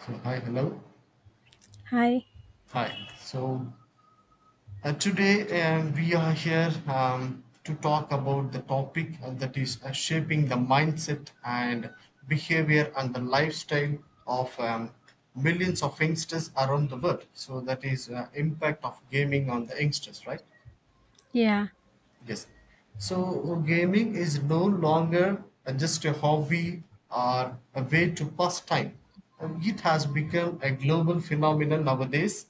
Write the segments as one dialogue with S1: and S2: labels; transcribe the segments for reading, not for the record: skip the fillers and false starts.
S1: So hi, hello.
S2: Hi.
S1: Hi. So today, we are here to talk about the topic that is shaping the mindset and behavior and the lifestyle of millions of youngsters around the world. So that is impact of gaming on the youngsters, right?
S2: Yeah.
S1: Yes. So gaming is no longer just a hobby or a way to pass time. It has become a global phenomenon nowadays,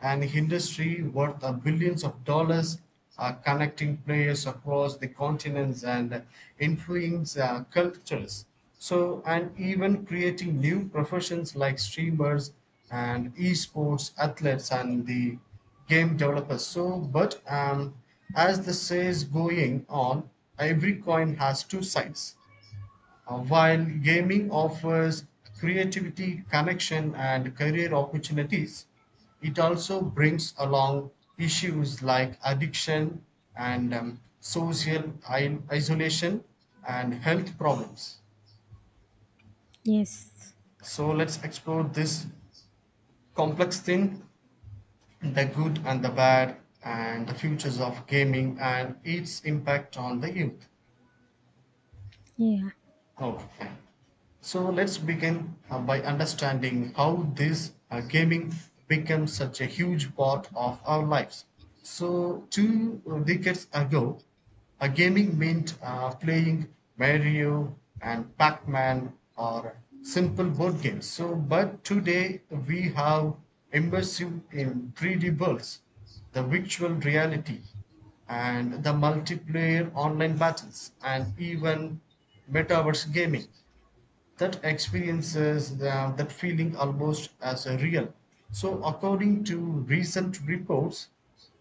S1: an industry worth billions of dollars, connecting players across the continents and influencing cultures. So, and even creating new professions like streamers and esports athletes and the game developers. So, but as the say's going on, every coin has two sides. While gaming offers creativity, connection, and career opportunities, it also brings along issues like addiction and social isolation and health problems.
S2: Yes.
S1: So let's explore this complex thing, the good and the bad and the futures of gaming and its impact on the youth.
S2: Yeah.
S1: Oh, fine. So let's begin by understanding how this gaming becomes such a huge part of our lives. So two decades ago, a gaming meant playing Mario and Pac-Man or simple board games. So, but today we have immersive in 3D worlds, the virtual reality, and the multiplayer online battles, and even metaverse gaming that experiences that feeling almost as a real. So, according to recent reports,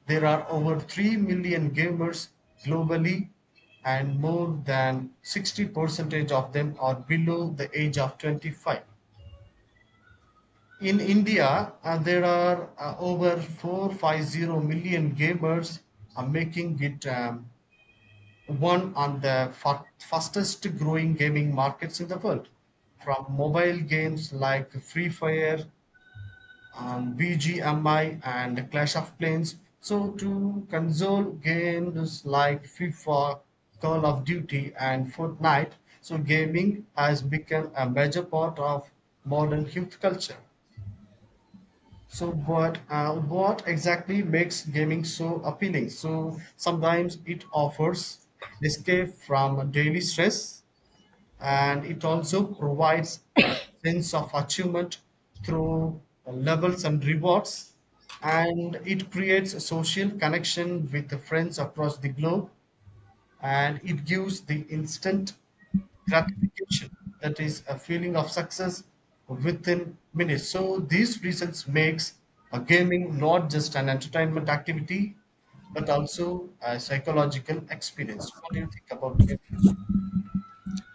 S1: there are over 3 million gamers globally, and more than 60% of them are below the age of 25. In India, there are over 450 million gamers, are making it one on the fastest growing gaming markets in the world, from mobile games like Free Fire, BGMI, and Clash of Clans, so to console games like FIFA, Call of Duty, and Fortnite. So gaming has become a major part of modern youth culture. So, but what exactly makes gaming so appealing? So, sometimes it offers escape from daily stress, and it also provides a sense of achievement through levels and rewards, and it creates a social connection with the friends across the globe, and it gives the instant gratification, that is a feeling of success within minutes. So these reasons makes a gaming not just an entertainment activity but also a psychological experience. What do you think about it?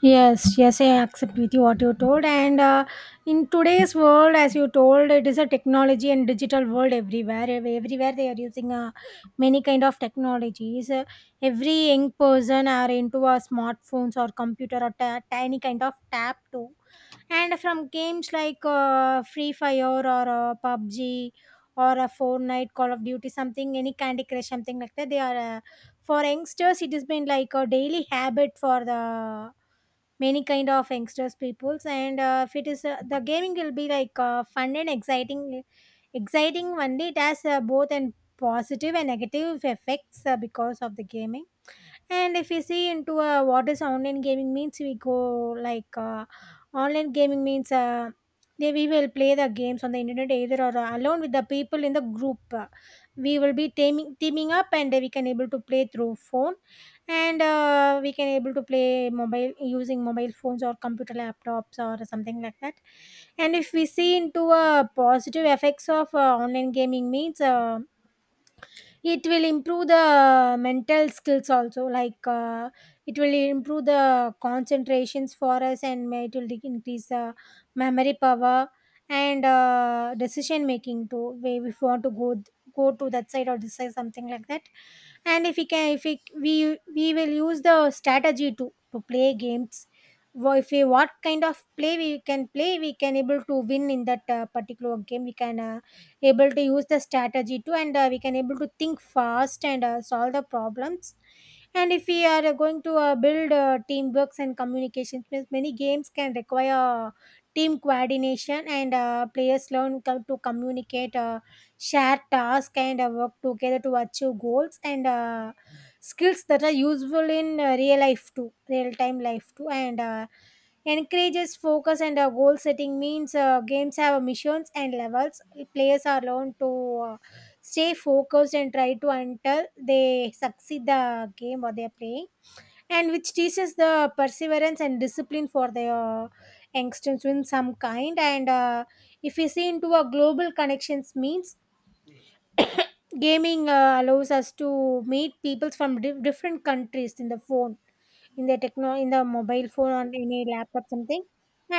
S2: Yes. Yes, I accept with you what you told. And In today's world, as you told, it is a technology and digital world everywhere. Everywhere they are using many kind of technologies. Every young person are into a smartphones or computer or tiny kind of tab too. And from games like free fire or pubg or a fortnite, call of duty, something, any candy crush, something like that. They are for youngsters it has been like a daily habit for the many kind of youngsters peoples. And If it is the gaming will be like fun and exciting one day. It has both and positive and negative effects because of the gaming. And if we see into what is online gaming means, we go like online gaming means we will play the games on the internet either or alone with the people in the group. We will be teaming up and we can able to play through phone, and we can able to play mobile using mobile phones or computer laptops or something like that. And if we see into positive effects of online gaming means it will improve the mental skills also, like it will improve the concentrations for us, and it will increase the memory power and decision making too way, if you want to go to that side or decide something like that. And if we can, if we will use the strategy to play games. If we what kind of play we can play, we can able to win in that particular game. We can able to use the strategy too, and we can able to think fast and solve the problems. And if we are going to build teamworks and communication means, many games can require team coordination, and players learn to communicate share tasks and work together to achieve goals. And Skills that are useful in real life too, real time life too. And Encourages focus and goal setting means games have missions and levels. Players are learned to stay focused and try to until they succeed the game or they're playing, and which teaches the perseverance and discipline for the youngsters in some kind. And If we see into a global connections means gaming allows us to meet people from different countries, in the phone, in the techno, in the mobile phone or in a laptop something.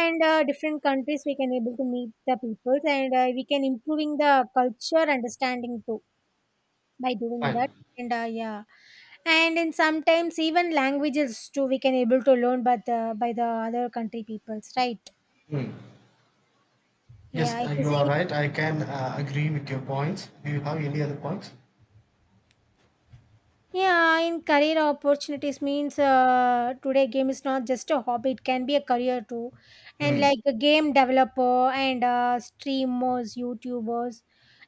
S2: And Different countries we can able to meet the people, and we can improving the culture understanding too by doing
S1: Fine.
S2: that. And Yeah. And in sometimes even languages too we can able to learn by the other country peoples, right?
S1: Hmm. Yes,
S2: Yeah, if you
S1: you are
S2: see.
S1: right. I can agree with your points. Do you have any other points?
S2: Yeah, in career opportunities means today game is not just a hobby; it can be a career too. And
S1: Hmm.
S2: like a game developer and streamers, YouTubers,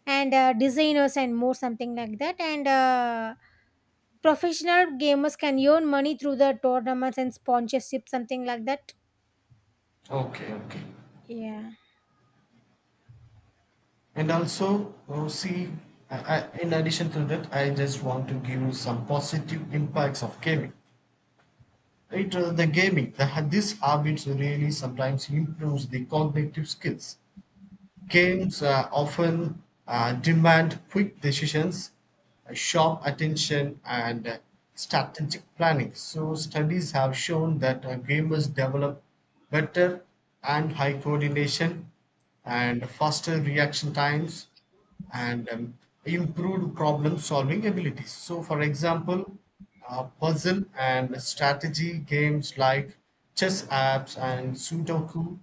S2: and designers and more, something like that. And Professional gamers can earn money through the tournaments and sponsorship, something like that.
S1: Okay, okay.
S2: Yeah.
S1: And also, oh, see, I, in addition to that, I just want to give you some positive impacts of gaming. It the gaming the, this habit really sometimes improves the cognitive skills. Games often demand quick decisions, sharp attention and strategic planning. So studies have shown that gamers develop better and high coordination and faster reaction times and improved problem solving abilities. So, for example, puzzle and strategy games like chess apps and Sudoku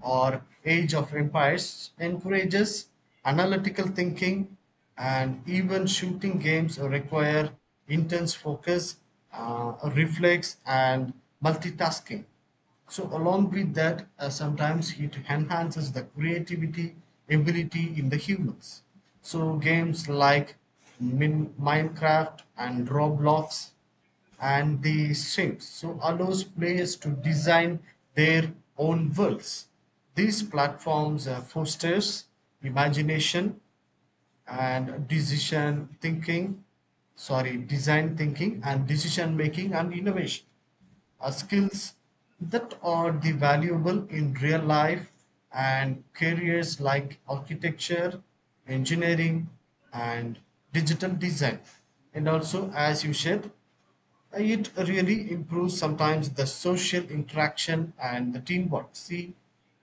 S1: or Age of Empires encourages analytical thinking, and even shooting games require intense focus, reflex and multitasking. So along with that, sometimes it enhances the creativity ability in the humans. So games like Minecraft and Roblox and the Sims so allows players to design their own worlds. These platforms fosters imagination and decision thinking, sorry, design thinking and decision making and innovation are skills that are the valuable in real life and careers like architecture, engineering, and digital design. And also, as you said, it really improves sometimes the social interaction and the teamwork. See,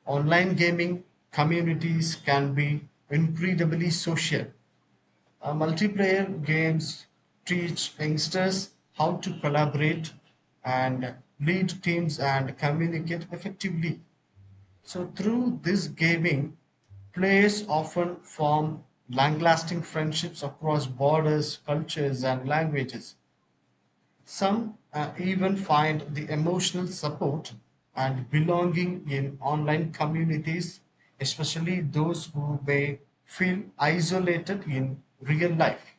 S1: online gaming communities can be incredibly social. Uh, multiplayer games teach youngsters how to collaborate and lead teams and communicate effectively. So, through this gaming, players often form long lasting friendships across borders, cultures, and languages. Some even find the emotional support and belonging in online communities, especially those who may feel isolated in real life.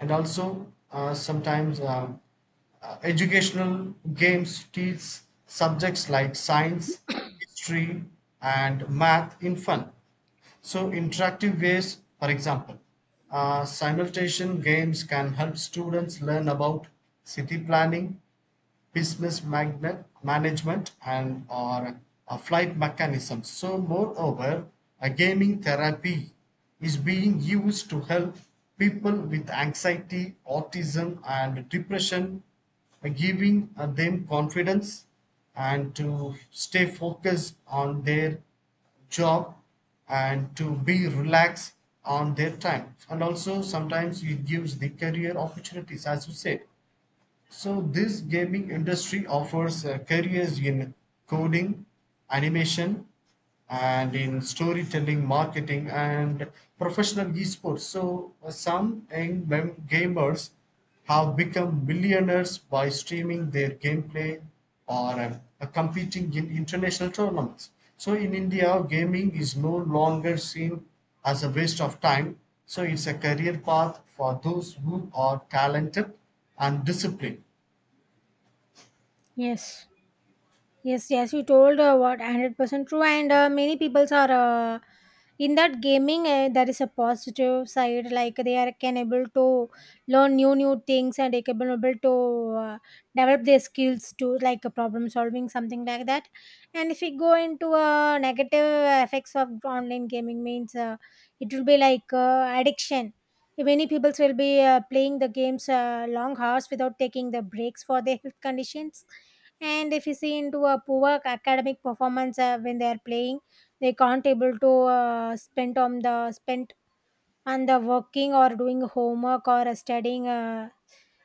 S1: And also sometimes educational games teach subjects like science, history, and math in fun. So, interactive ways, for example, simultation games can help students learn about city planning, business magnet management and or a flight mechanism. So moreover, a gaming therapy is being used to help people with anxiety, autism and depression, giving them confidence and to stay focused on their job and to be relaxed on their time. And also sometimes it gives the career opportunities, as you said. So this gaming industry offers careers in coding, animation, and in storytelling, marketing, and professional esports. So some young gamers have become millionaires by streaming their gameplay or competing in international tournaments. So in India, gaming is no longer seen as a waste of time. So it's a career path for those who are talented and disciplined.
S2: Yes. Yes, yes, you told what 100% true, and many people are uh, in that gaming. There is a positive side, like they are can able to learn new things, and they can be able to uh, develop their skills to, like problem solving, something like that. And if we go into negative effects of online gaming means it will be like addiction. Many people will be playing the games long hours without taking the breaks for their health conditions. And if you see into a poor academic performance, when they are playing they can't able to spend on the spent on the working or doing homework or studying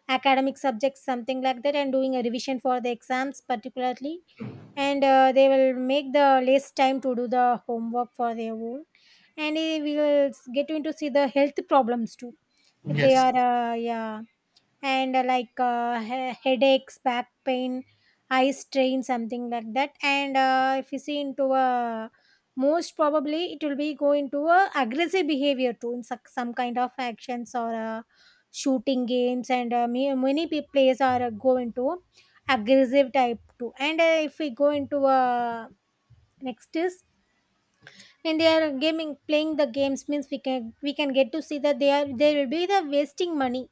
S2: academic subjects something like that, and doing a revision for the exams particularly. And They will make the less time to do the homework for their own. And eh, get into see the health problems too if they
S1: Yes,
S2: are yeah. and Like headaches, back pain, eye strain, something like that. And If you see into a, most probably it will be go into a aggressive behavior too in some kind of actions or shooting games. And players are go into aggressive type too. And If we go into next is when they are gaming, playing the games means, we can get to see that they will be the wasting money.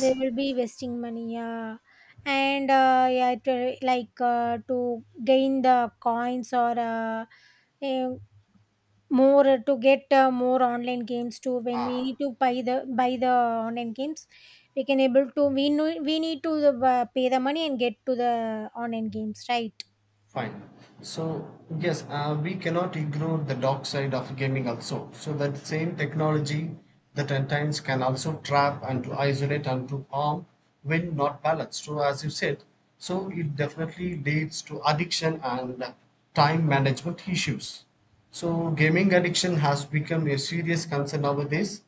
S2: They will be wasting money, yeah. and Yeah, to, like to gain the coins or eh, more to get more online games too, when we need to buy the online games, we can able to, we know we need to pay the money and get to the online games, right?
S1: fine. So yes, we cannot ignore the dark side of gaming also. So that same technology that at times can also trap and to isolate and to harm when not balanced. So as you said, so it definitely leads to addiction and time management issues. So gaming addiction has become a serious concern nowadays.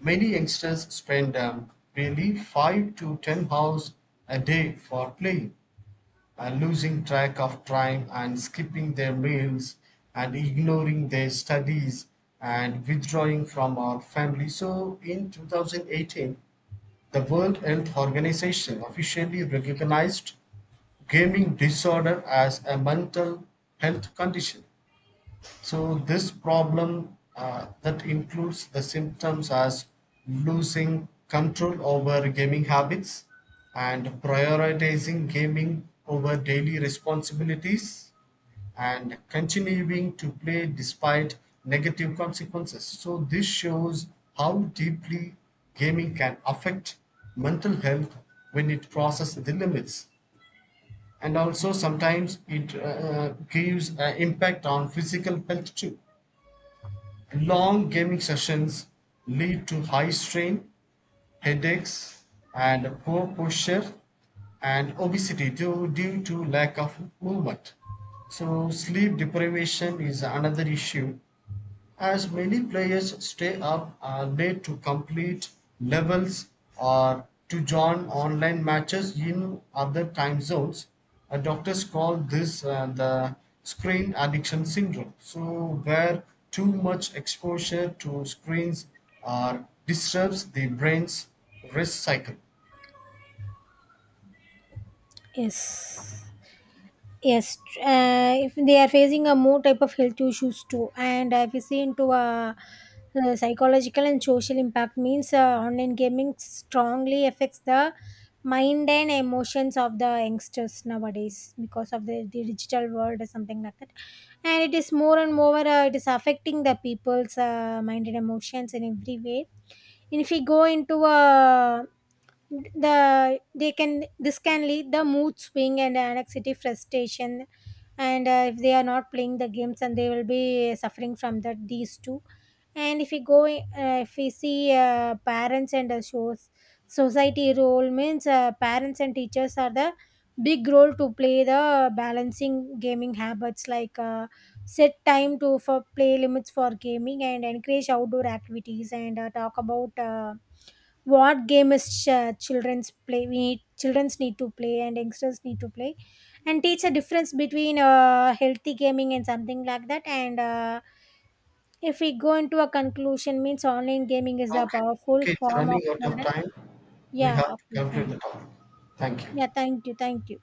S1: Many youngsters spend really 5 to 10 hours a day for playing, and losing track of time and skipping their meals and ignoring their studies and withdrawing from our family. So in 2018, the World Health Organization officially recognized gaming disorder as a mental health condition. So this problem that includes the symptoms as losing control over gaming habits and prioritizing gaming over daily responsibilities and continuing to play despite negative consequences. So this shows how deeply gaming can affect mental health when it crosses the limits. And also sometimes it gives an impact on physical health too. Long gaming sessions lead to high strain, headaches, and poor posture and obesity due to lack of movement. So, sleep deprivation is another issue as many players stay up all night to complete levels or to join online matches in other time zones. Doctors call this the screen addiction syndrome. So, where too much exposure to screens uh, disturbs the brain's rest cycle.
S2: Yes. Yes, if they are facing a more type of health issues too. And If you see into a, uh, psychological and social impact means online gaming strongly affects the mind and emotions of the youngsters nowadays, because of the digital world or something like that, and it is more and more, it is affecting the people's mind and emotions in every way. And if we go into a they can, this can lead the mood swing and anxiety frustration. And If they are not playing the games, and they will be suffering from that, these two. And if we go if we see parents and shows society role means parents and teachers are the big role to play the balancing gaming habits, like set time to for play limits for gaming, and encourage outdoor activities, and talk about what game is children's play, we need children's need to play and youngsters need to play, and teach a difference between healthy gaming and something like that. And If we go into a conclusion means, online gaming is a
S1: Okay,
S2: powerful
S1: okay, it's
S2: form of
S1: running out of
S2: modern.
S1: time. We
S2: Yeah,
S1: have to
S2: okay,
S1: conclude
S2: fine.
S1: the talk. Thank you.
S2: Yeah, thank you, thank you.